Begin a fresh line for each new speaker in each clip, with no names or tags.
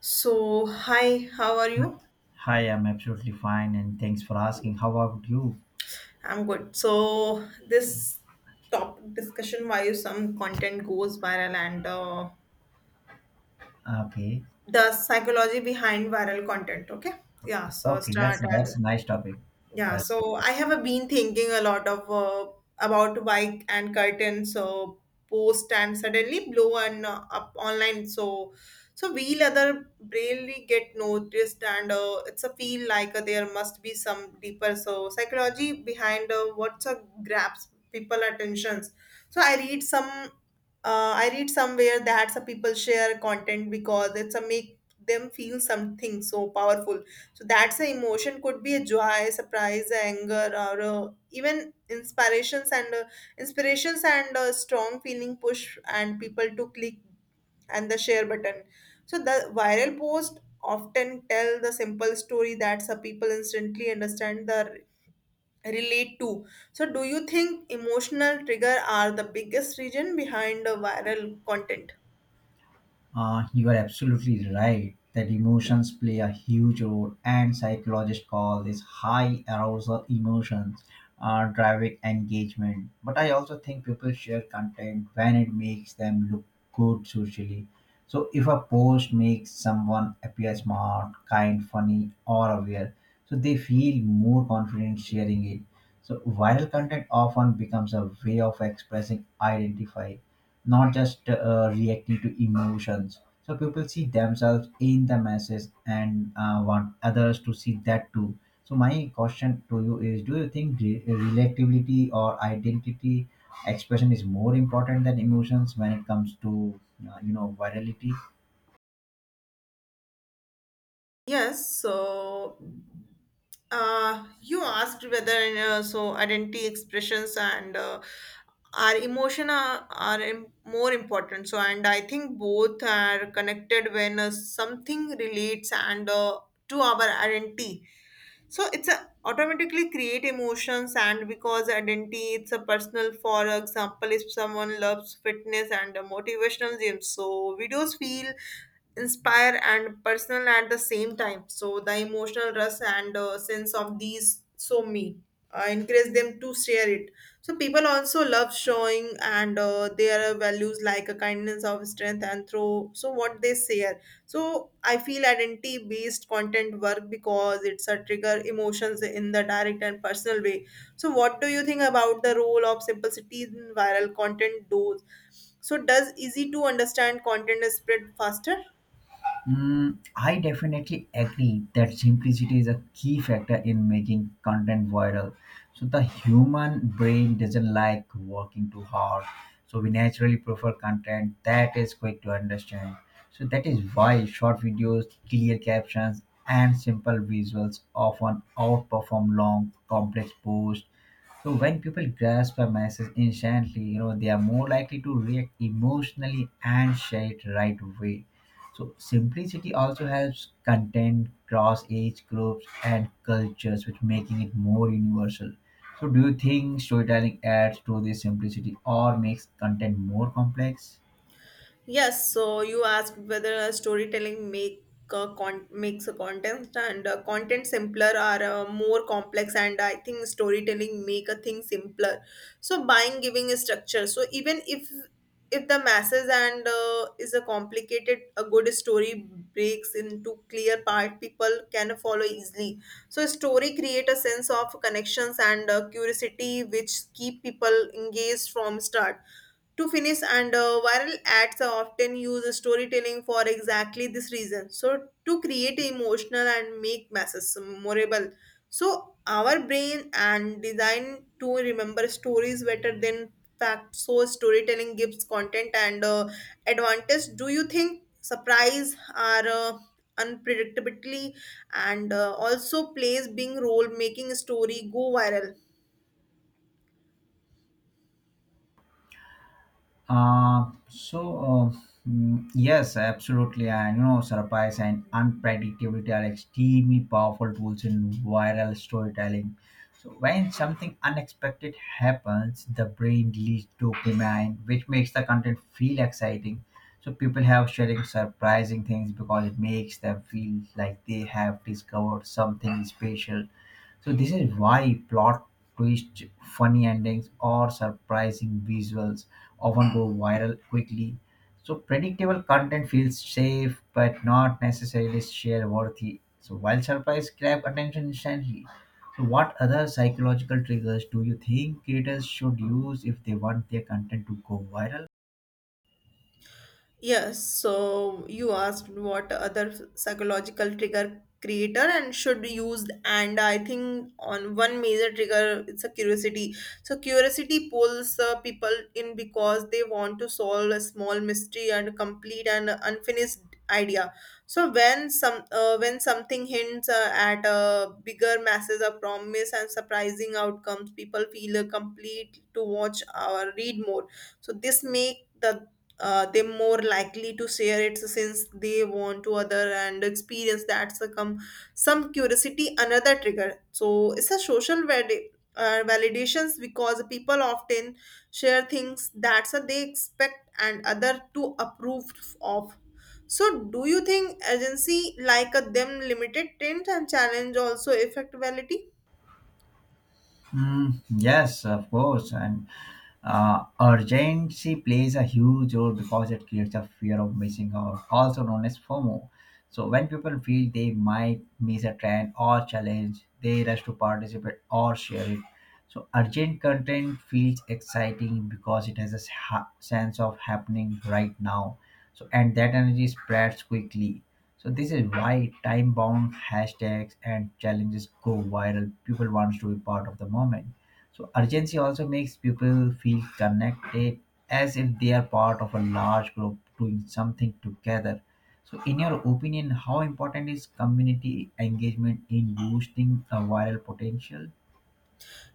So, hi, how are you?
Hi, I'm absolutely fine, and thanks for asking. How about you?
I'm good. So, this topic discussion why some content goes viral and
Okay,
the psychology behind viral content. Okay. Yeah. So,
okay, that's
start
that's
and
a nice topic.
Yeah,
That's good.
so I have been thinking a lot of about bike and curtain, so post and suddenly blow and up online. So, wheel other really get noticed, and it's a feel like there must be some deeper so psychology behind what's grabs people attentions. So I read some, I read somewhere that some people share content because it's a make them feel something so powerful so that's the emotion could be a joy, surprise, anger, or even inspirations and strong feeling push and people to click and the share button. So the viral post often tell the simple story that some people instantly understand the relate to. So do you think emotional trigger are the biggest reason behind the viral content?
You are absolutely right that emotions play a huge role, and psychologists call this high arousal emotions driving engagement. But I also think people share content when it makes them look good socially. So if a post makes someone appear smart, kind, funny, or aware, so they feel more confident sharing it. So viral content often becomes a way of expressing identify not just reacting to emotions. So people see themselves in the message and want others to see that too. So my question to you is: Do you think relatability or identity expression is more important than emotions when it comes to virality?
Yes, so you asked whether so identity expressions and our emotion are more important. So, and I think both are connected when something relates and to our identity so it's a automatically create emotions and because identity it's a personal for example if someone loves fitness and a motivational gym so videos feel inspire and personal at the same time so the emotional rush and sense of these so me encourage them to share it so people also love showing and their values like a kindness of strength and through so what they say so I feel identity based content work because it's a trigger emotions in the direct and personal way so what do you think about the role of simplicity in viral content those so does easy to understand content spread faster?
Mm, I definitely agree that simplicity is a key factor in making content viral. So the human brain doesn't like working too hard. So we naturally prefer content that is quick to understand. So that is why short videos, clear captions, and simple visuals often outperform long, complex posts so when people grasp a message instantly, you know, they are more likely to react emotionally and share it right away. So simplicity also helps content cross age groups and cultures, which making it more universal. So do you think storytelling adds to this simplicity or makes content more complex?
Yes, so you asked whether a storytelling make makes a content and content simpler or more complex and I think storytelling make a thing simpler. So buying giving a structure. So even if the masses and is a complicated a good story breaks into clear part people can follow easily so story create a sense of connections and curiosity which keep people engaged from start to finish, and viral ads are often use storytelling for exactly this reason. So to create emotional and make masses memorable. So our brain and design to remember stories better than facts. So storytelling gives content and advantage. Do you think surprise are unpredictably and also plays being role making story go viral?
Uh, so uh, yes, absolutely. I know surprise and unpredictability are extremely powerful tools in viral storytelling. So when something unexpected happens, the brain releases dopamine, which makes the content feel exciting. So people have sharing surprising things because it makes them feel like they have discovered something special so this is why plot twists, funny endings, or surprising visuals often go viral quickly. So predictable content feels safe but not necessarily share worthy. So while surprise grab attention instantly. So what other psychological triggers do you think creators should use if they want their content to go viral?
Yes, so you asked what other psychological trigger creator and should use and I think on one major trigger it's a curiosity. So curiosity pulls people in because they want to solve a small mystery and complete an unfinished idea. So when something hints at a bigger masses of promise and surprising outcomes, people feel complete to watch or read more. So this make the they're more likely to share it since they want to other and experience that succumb some curiosity another trigger so it's a social validations because people often share things that they expect and other to approve of so do you think agency like a them limited tint and challenge also affect validity?
Mm, yes, of course. And urgency plays a huge role because it creates a fear of missing out, also known as FOMO. So when people feel they might miss a trend or challenge, they rush to participate or share it. So urgent content feels exciting because it has a sense of happening right now. So and that energy spreads quickly. So this is why time-bound hashtags and challenges go viral. People wants to be part of the moment. So urgency also makes people feel connected as if they are part of a large group doing something together. So in your opinion, how important is community engagement in boosting a viral potential?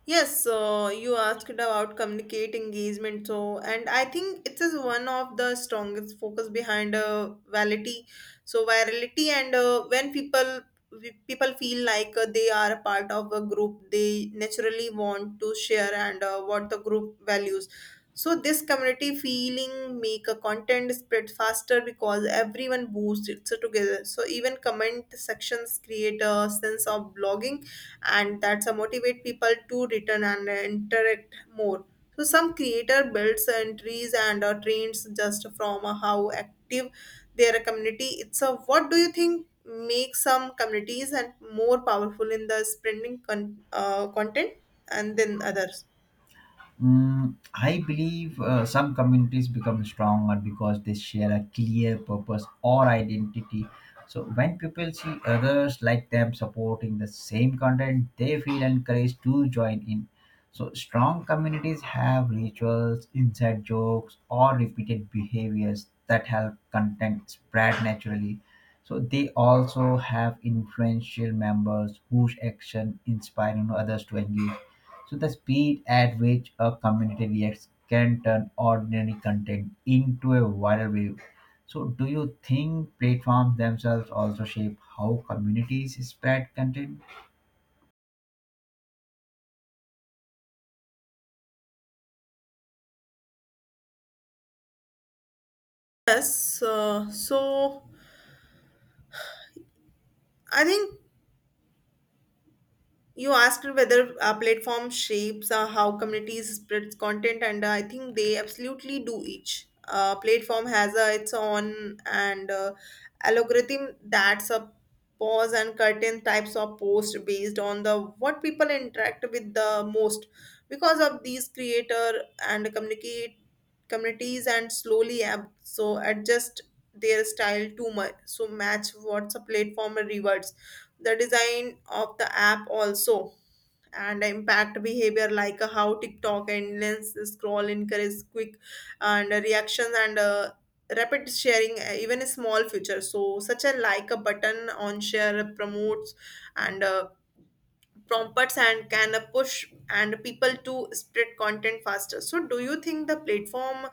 Yes, so you asked about communicate engagement. So, and I think it is one of the strongest focus behind virality. So, virality and when people people feel like they are a part of a group, they naturally want to share and what the group values. So, this community feeling make a content spread faster because everyone boosts it so together. So, even comment sections create a sense of blogging and that's a motivate people to return and interact more so some creator builds entries and trains just from how active their community it's a what do you think makes some communities and more powerful in the spreading content and then others?
Mm, I believe some communities become stronger because they share a clear purpose or identity. So when people see others like them supporting the same content, they feel encouraged to join in. So strong communities have rituals, inside jokes, or repeated behaviors that help content spread naturally. So they also have influential members whose action inspire, you know, others to engage so the speed at which a community reacts can turn ordinary content into a viral wave. So do you think platforms themselves also shape how communities spread content?
Yes, so I think you asked whether a platform shapes how communities spreads content and I think they absolutely do each platform has its own and algorithm that's a pause and curtain types of post based on the what people interact with the most because of these creator and communicate communities and slowly so adjust their style too much so match what's a platform rewards the design of the app also and the impact behavior like how tiktok endless scroll encourage quick and reactions and rapid sharing even a small feature so such a like a button on share promotes and prompts and can push and people to spread content faster so do you think the platform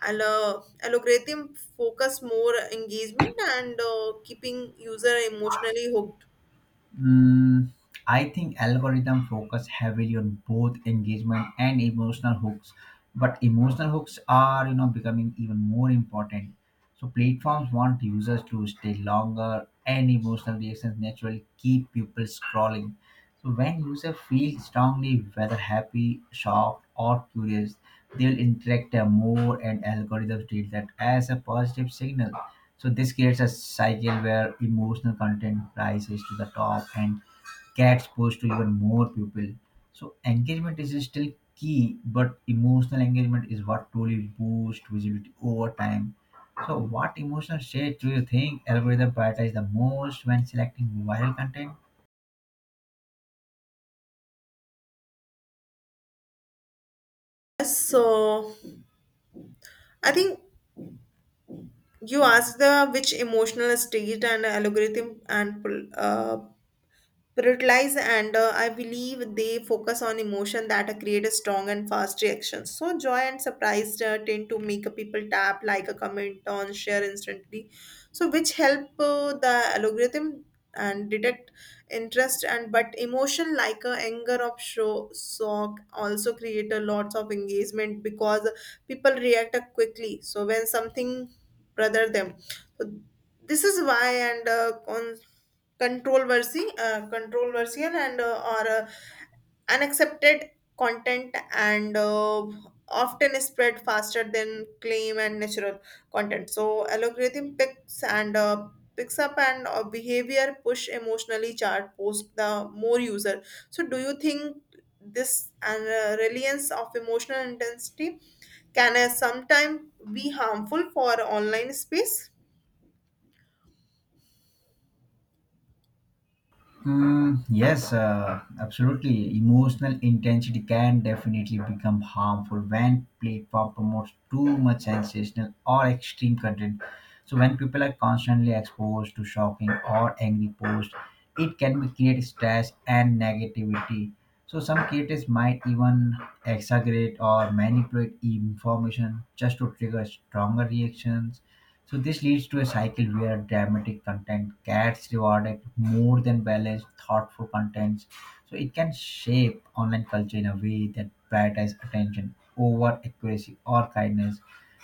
algorithm focus more engagement and keeping user emotionally hooked?
Mm, I think algorithm focus heavily on both engagement and emotional hooks, but emotional hooks are, you know, becoming even more important. So platforms want users to stay longer, and emotional reactions naturally keep people scrolling. So when user feel strongly, whether happy, shocked, or curious, they'll interact more, and algorithms treat that as a positive signal. So this creates a cycle where emotional content rises to the top and gets pushed to even more people. So engagement is still key, but emotional engagement is what truly boosts visibility over time. So what emotional state do you think algorithm prioritize the most when selecting viral content?
So, I think you asked the which emotional state and algorithm and prioritize and I believe they focus on emotion that create a strong and fast reaction so joy and surprise tend to make people tap like a comment on share instantly so which help the algorithm and detect interest and but emotion like anger of show shock also create a lots of engagement because people react quickly so when something bother them so this is why and on controversial and or unaccepted content and often spread faster than claim and natural content. So algorithm picks up and behavior push emotionally charged post the more user. So do you think this and reliance of emotional intensity can sometimes be harmful for online space?
Yes, absolutely. Emotional intensity can definitely become harmful when platform promotes too much sensational or extreme content. So when people are constantly exposed to shocking or angry posts, it can be create stress and negativity. So some creators might even exaggerate or manipulate information just to trigger stronger reactions so this leads to a cycle where dramatic content gets rewarded more than balanced, thoughtful contents. So it can shape online culture in a way that prioritizes attention over accuracy or kindness.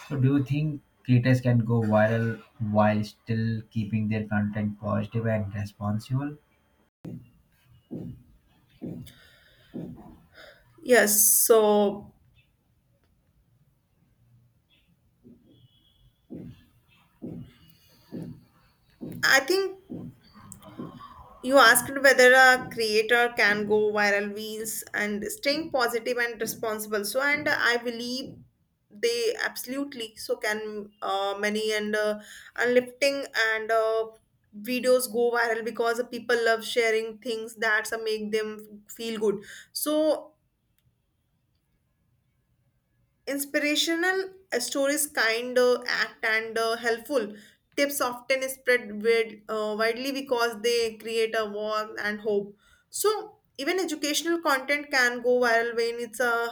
So do you think creators can go viral while still keeping their content positive and responsible?
Yes, so I think you asked whether a creator can go viral wheels and staying positive and responsible. So, and I believe they absolutely so can many and lifting and videos go viral because people love sharing things that make them feel good. So Inspirational stories, kind act, and helpful tips often spread widely because they create a warmth and hope. So, even educational content can go viral when it's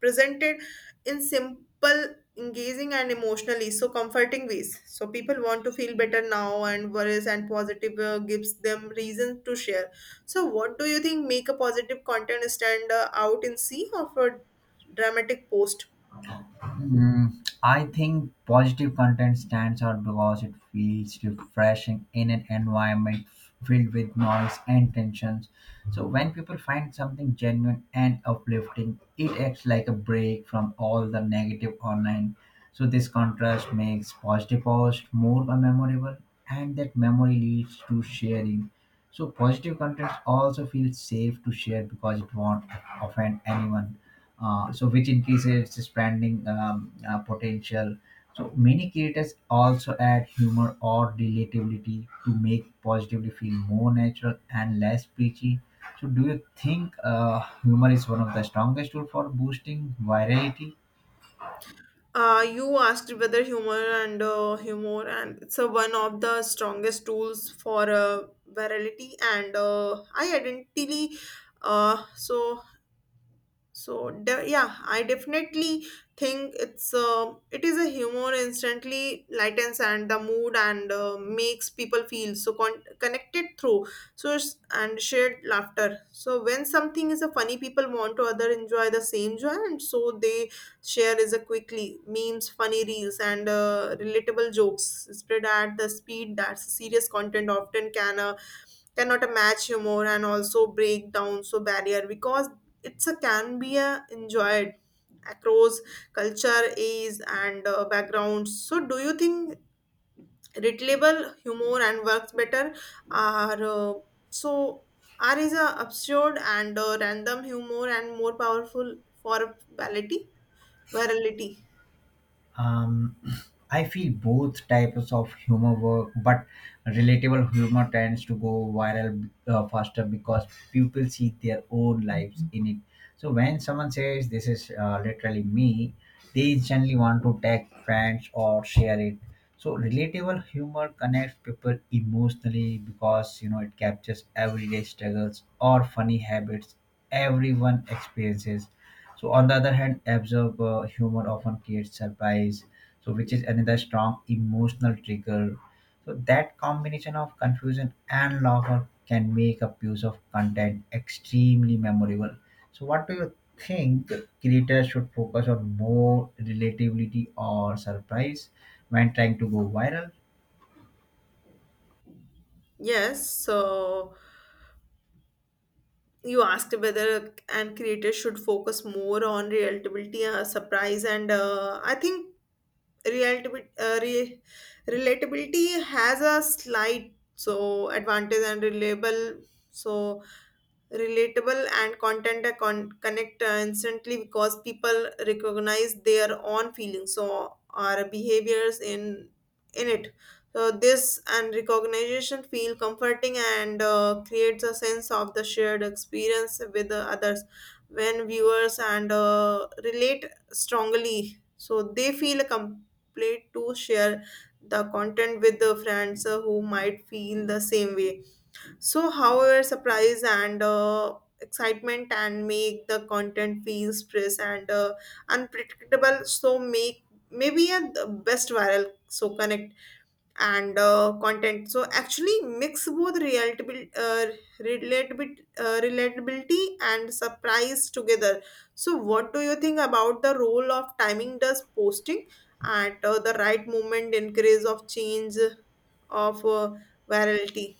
presented in simple, engaging, and emotionally so comforting ways. So, people want to feel better now, and worries and positive gives them reason to share. So, what do you think make a positive content stand out in sea of a dramatic post?
Mm, I think positive content stands out because it feels refreshing in an environment filled with noise and tensions. So, when people find something genuine and uplifting, it acts like a break from all the negative online. So, this contrast makes positive posts more memorable, and that memory leads to sharing. So positive content also feels safe to share because it won't offend anyone. So which increases its branding potential. So many creators also add humor or relatability to make positively feel more natural and less preachy. So do you think humor is one of the strongest tool for boosting virality?
You asked whether humor and humor and it's one of the strongest tools for virality and I identity. Uh, so so, yeah, I definitely think it's it is a humor instantly lightens and the mood and makes people feel so connected through source and shared laughter so when something is a funny people want to other enjoy the same joy and so they share is a quickly memes funny reels and relatable jokes spread at the speed that serious content often cannot match humor and also break down so barrier because it's a can be a enjoyed across culture age and backgrounds so do you think relatable humor and works better are so are is a absurd and random humor and more powerful for virality virality?
um, I feel both types of humor work, but relatable humor tends to go viral faster because people see their own lives in it. So when someone says this is literally me, they instantly want to tag friends or share it. So relatable humor connects people emotionally because, you know, it captures everyday struggles or funny habits everyone experiences so on the other hand, absorb humor often creates surprise, so which is another strong emotional trigger. So that combination of confusion and laughter can make a piece of content extremely memorable. So what do you think creators should focus on more relatability or surprise when trying to go viral?
Yes, so you asked whether and creators should focus more on relatability surprise and I think Realtab- uh, re- relatability has a slight so advantage and reliable so relatable and content are connect instantly because people recognize their own feelings so our behaviors in it so this and recognition feel comforting and creates a sense of the shared experience with the others when viewers and relate strongly so they feel a play to share the content with the friends who might feel the same way so, however, surprise and excitement and make the content feel stress and unpredictable. So, make maybe a the best viral. So, connect and content. So, actually, mix both relatability and surprise together. So, what do you think about the role of timing? Does posting at the right moment increase of change of virality?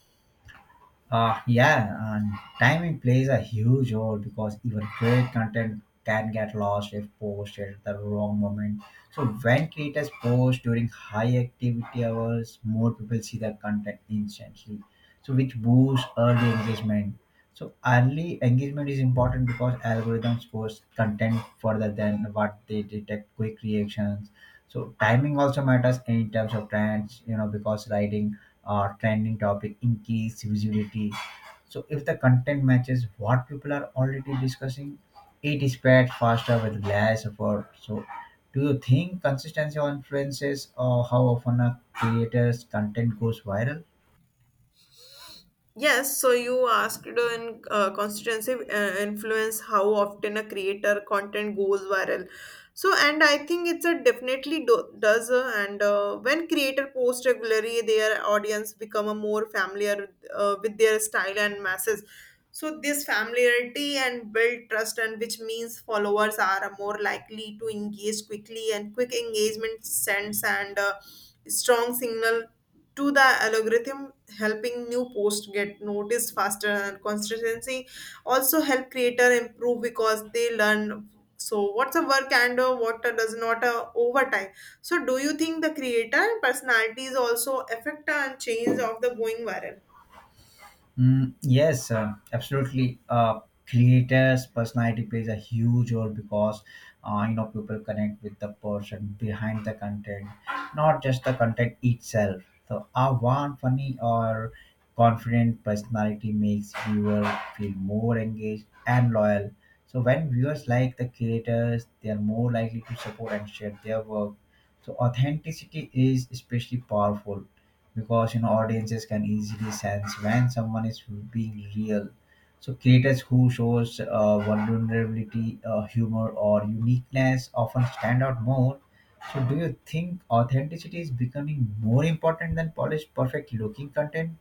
Yeah, and timing plays a huge role because even great content can get lost if posted at the wrong moment. So when creators post during high activity hours, more people see the content instantly. So which boosts early engagement. So early engagement is important because algorithms post content further than what they detect quick reactions so timing also matters in terms of trends, you know, because writing or trending topic increase visibility so if the content matches what people are already discussing it is spread faster with less effort so do you think consistency influences or how often a creator's content goes viral.
Yes, so you asked in constituency influence how often a creator content goes viral. So, and I think it's a definitely does, and when creator post regularly, their audience become a more familiar with their style and masses. So this familiarity and build trust and which means followers are more likely to engage quickly and quick engagement sends and strong signal to the algorithm helping new posts get noticed faster and consistency also help creator improve because they learn so what's a work and what does not over time so do you think the creator personalities also affect and change of the going viral.
Mm, yes, absolutely. Creators' personality plays a huge role because people connect with the person behind the content, not just the content itself. So, a warm, funny, or confident personality makes viewer feel more engaged and loyal. So, when viewers like the creators, they are more likely to support and share their work. So, authenticity is especially powerful because, you know, audiences can easily sense when someone is being real. So creators who shows vulnerability, humor, or uniqueness often stand out more. So do you think authenticity is becoming more important than polished, perfect-looking content?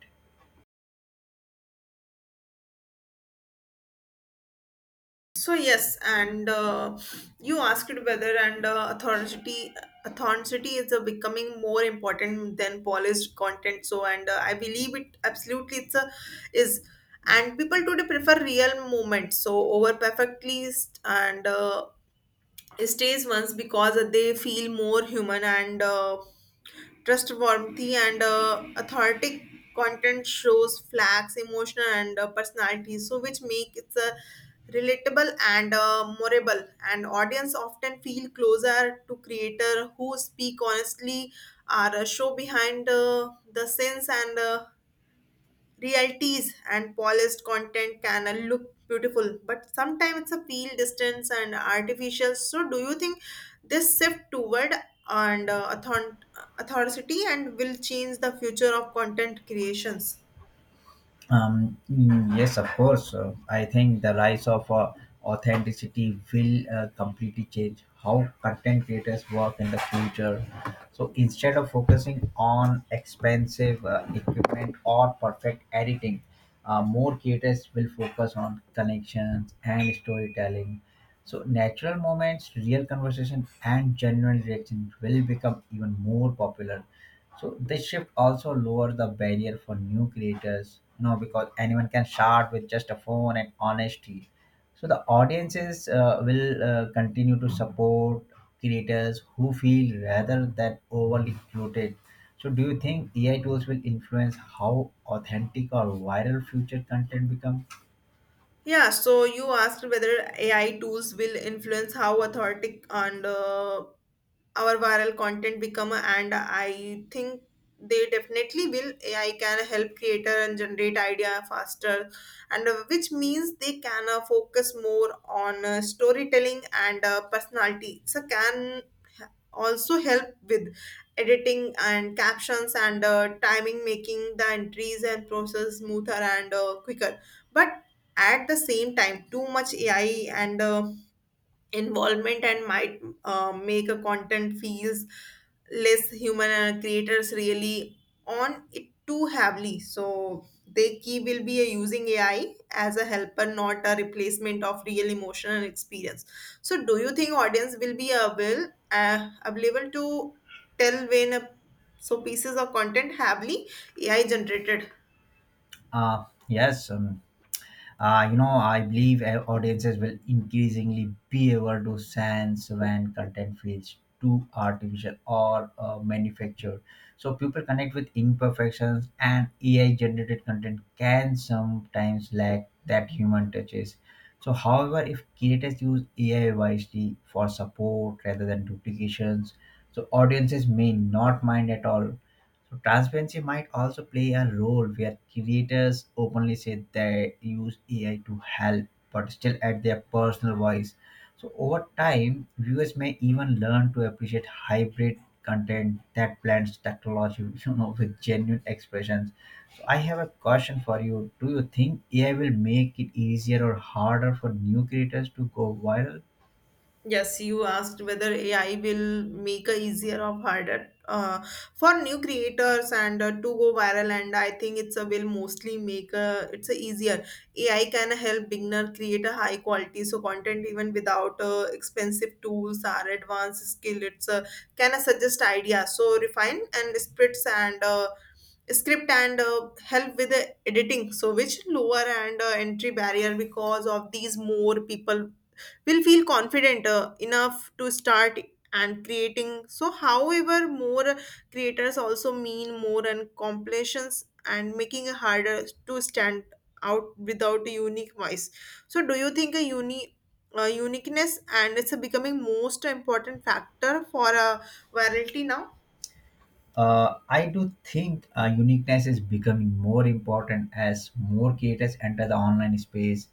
So yes, and you asked whether and authenticity is becoming more important than polished content. So and I believe it absolutely it's a, is and people today prefer real moments so over perfectly st- and stays once because they feel more human and trustworthy and authentic content shows flags emotion and personality so which make it's a relatable and memorable and audience often feel closer to creator who speak honestly are show behind the scenes and realities and polished content can look beautiful but sometimes it's a feel distance and artificial so do you think this shift toward and authority and will change the future of content creations.
Yes, of course. I think the rise of authenticity will completely change how content creators work in the future. So instead of focusing on expensive equipment or perfect editing, more creators will focus on connections and storytelling. So natural moments, real conversation, and genuine reaction will become even more popular so this shift also lowered the barrier for new creators, you know, because anyone can start with just a phone and honesty. So the audiences will continue to support creators who feel rather than overly bloated. So do you think AI tools will influence how authentic or viral future content become?
Yeah, so you asked whether AI tools will influence how authentic and our viral content become, and I think they definitely will. AI can help creator and generate idea faster, and which means they can focus more on storytelling and personality. So can also help with editing and captions and timing making the entries and process smoother and quicker but at the same time too much AI and involvement and might make a content feels less human and creators really on it too heavily so they key will be using AI as a helper not a replacement of real emotion and experience so do you think audience will be able available to tell when a, so pieces of content heavily AI generated.
Yes, I believe audiences will increasingly be able to sense when content feels too artificial or manufactured. So people connect with imperfections, and AI-generated content can sometimes lack that human touches. So, however, if creators use AI wisely for support rather than duplications, so audiences may not mind at all. So transparency might also play a role where creators openly say they use AI to help, but still add their personal voice. So over time, viewers may even learn to appreciate hybrid content that blends technology, you know, with genuine expressions. So I have a question for you. Do you think AI will make it easier or harder for new creators to go viral?
Yes, you asked whether AI will make a easier or harder for new creators and to go viral. And I think it's a will mostly make a, it's a easier. AI can help beginner create a high quality so content even without expensive tools or advanced skill. It's can suggest ideas so refine and splits and script and help with the editing. So which lower and entry barrier because of these more people will feel confident enough to start and creating so however more creators also mean more and completions and making it harder to stand out without a unique voice so do you think a uni uniqueness and it's a becoming most important factor for a virality now.
I do think uniqueness is becoming more important as more creators enter the online space.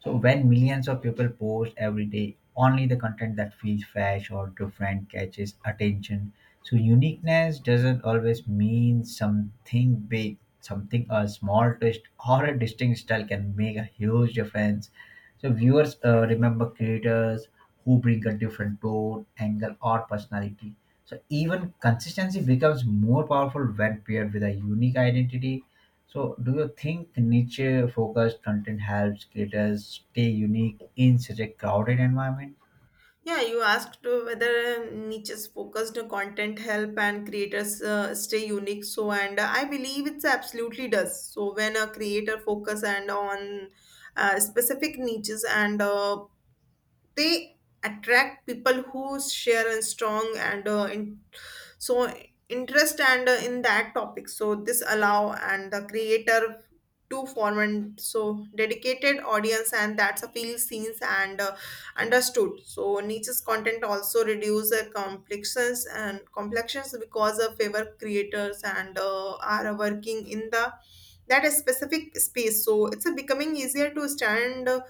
So when millions of people post every day, only the content that feels fresh or different catches attention. So uniqueness doesn't always mean something big. Something a small twist or a distinct style can make a huge difference. So viewers remember creators who bring a different tone, angle, or personality so even consistency becomes more powerful when paired with a unique identity. So do you think niche-focused content helps creators stay unique in such a crowded environment?
Yeah, you asked whether niches focused content help and creators stay unique. So, and I believe it's absolutely does. So, when a creator focus and on specific niches and they attract people who share and strong and in so interest and in that topic so this allow and the creator to form and so dedicated audience and that's a feel scenes and understood so niche's content also reduce complexions and complexions because of favor creators and are working in the that specific space so it's a becoming easier to stand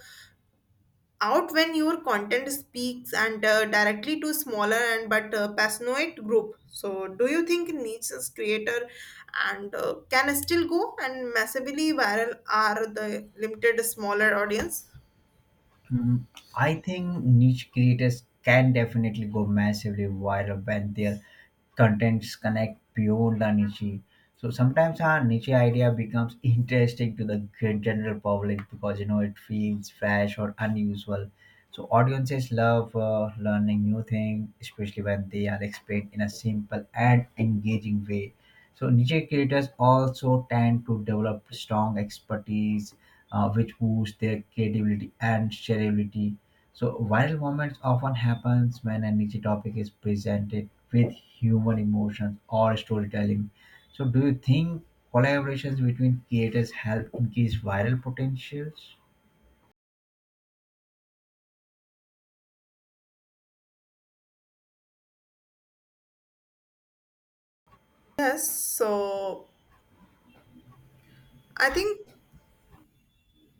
out when your content speaks and directly to smaller and but passionate group so do you think niche is creator and can still go and massively viral are the limited smaller audience.
Mm, I think niche creators can definitely go massively viral when their contents connect beyond the niche. So sometimes our niche idea becomes interesting to the general public because, you know, it feels fresh or unusual. So audiences love learning new things, especially when they are explained in a simple and engaging way. So niche creators also tend to develop strong expertise, which boosts their credibility and shareability. So viral moments often happens when a niche topic is presented with human emotions or storytelling. So do you think collaborations between creators help increase viral potentials?
Yes, so I think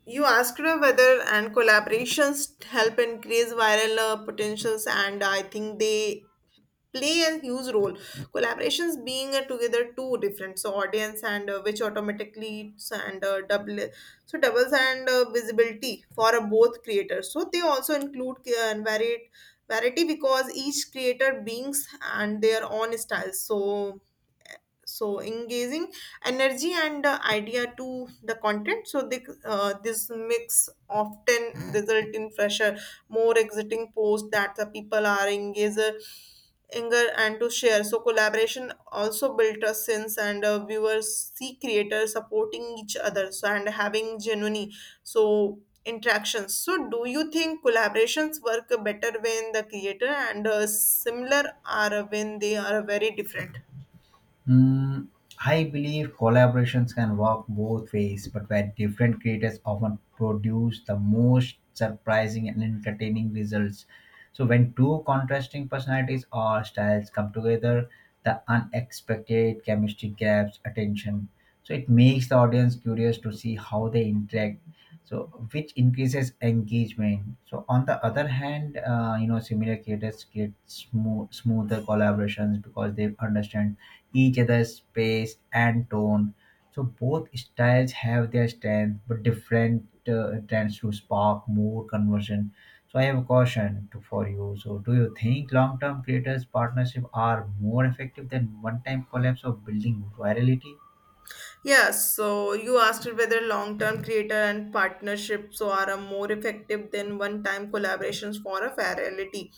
you asked her whether and collaborations help increase viral potentials, and I think they play a huge role. Collaborations being together two different so audience and which automatically it's and double so doubles and visibility for both creators. So they also include varied variety because each creator brings and their own styles. So so engaging energy and idea to the content so they, this mix often result in fresher more exciting posts that the people are engaged anger and to share so collaboration also built a sense and viewers see creators supporting each other so and having genuine so interactions so do you think collaborations work better when the creator and similar are when they are very different.
Mm, I believe collaborations can work both ways, but where different creators often produce the most surprising and entertaining results. So, when two contrasting personalities or styles come together, the unexpected chemistry grabs attention. So, it makes the audience curious to see how they interact. So, which increases engagement. So, on the other hand, similar creators create smoother collaborations because they understand each other's pace and tone. So both styles have their strength, but different tends to spark more conversion. So I have a caution to, for you. So do you think long-term creators partnership are more effective than one-time collabs of building virality?
Yeah, so you asked whether long term creator and partnerships are a more effective than one time collaborations for a virality.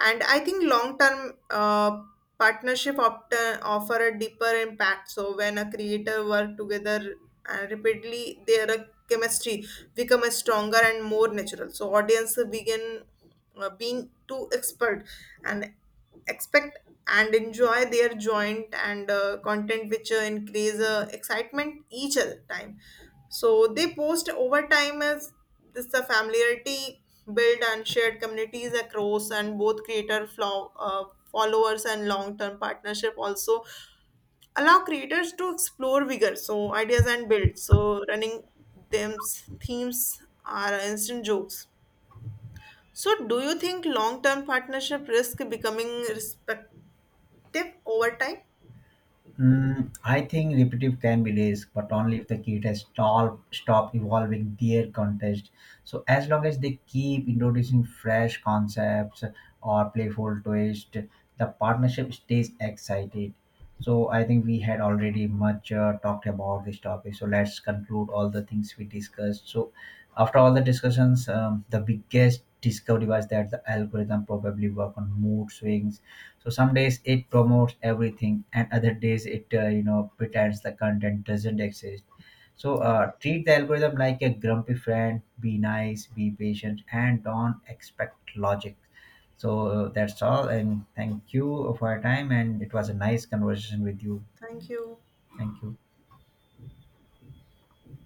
And I think long term partnership often offer a deeper impact. So when a creator work together and repeatedly, their chemistry become a stronger and more natural. So audience begin being too expert and expect and enjoy their joint and content which increase excitement each other time so they post over time as this the familiarity build and shared communities across and both creator flow, followers and long-term partnership also allow creators to explore vigor so ideas and build so running them themes are instant jokes so do you think long-term partnership risk becoming respect tip over time.
Mm, I think repetitive can be risk, but only if the kid has stopped evolving their contest. So as long as they keep introducing fresh concepts or playful twist, the partnership stays excited. So I think we had already much talked about this topic. So let's conclude all the things we discussed. So after all the discussions, the biggest discovery was that the algorithm probably work on mood swings so some days it promotes everything, and other days it pretends the content doesn't exist. So
Yeah.
treat the algorithm like a grumpy friend. Be nice, be patient, and don't expect logic. So that's all, and thank you for your time. And it was a nice conversation with you.
Thank you.
Thank you.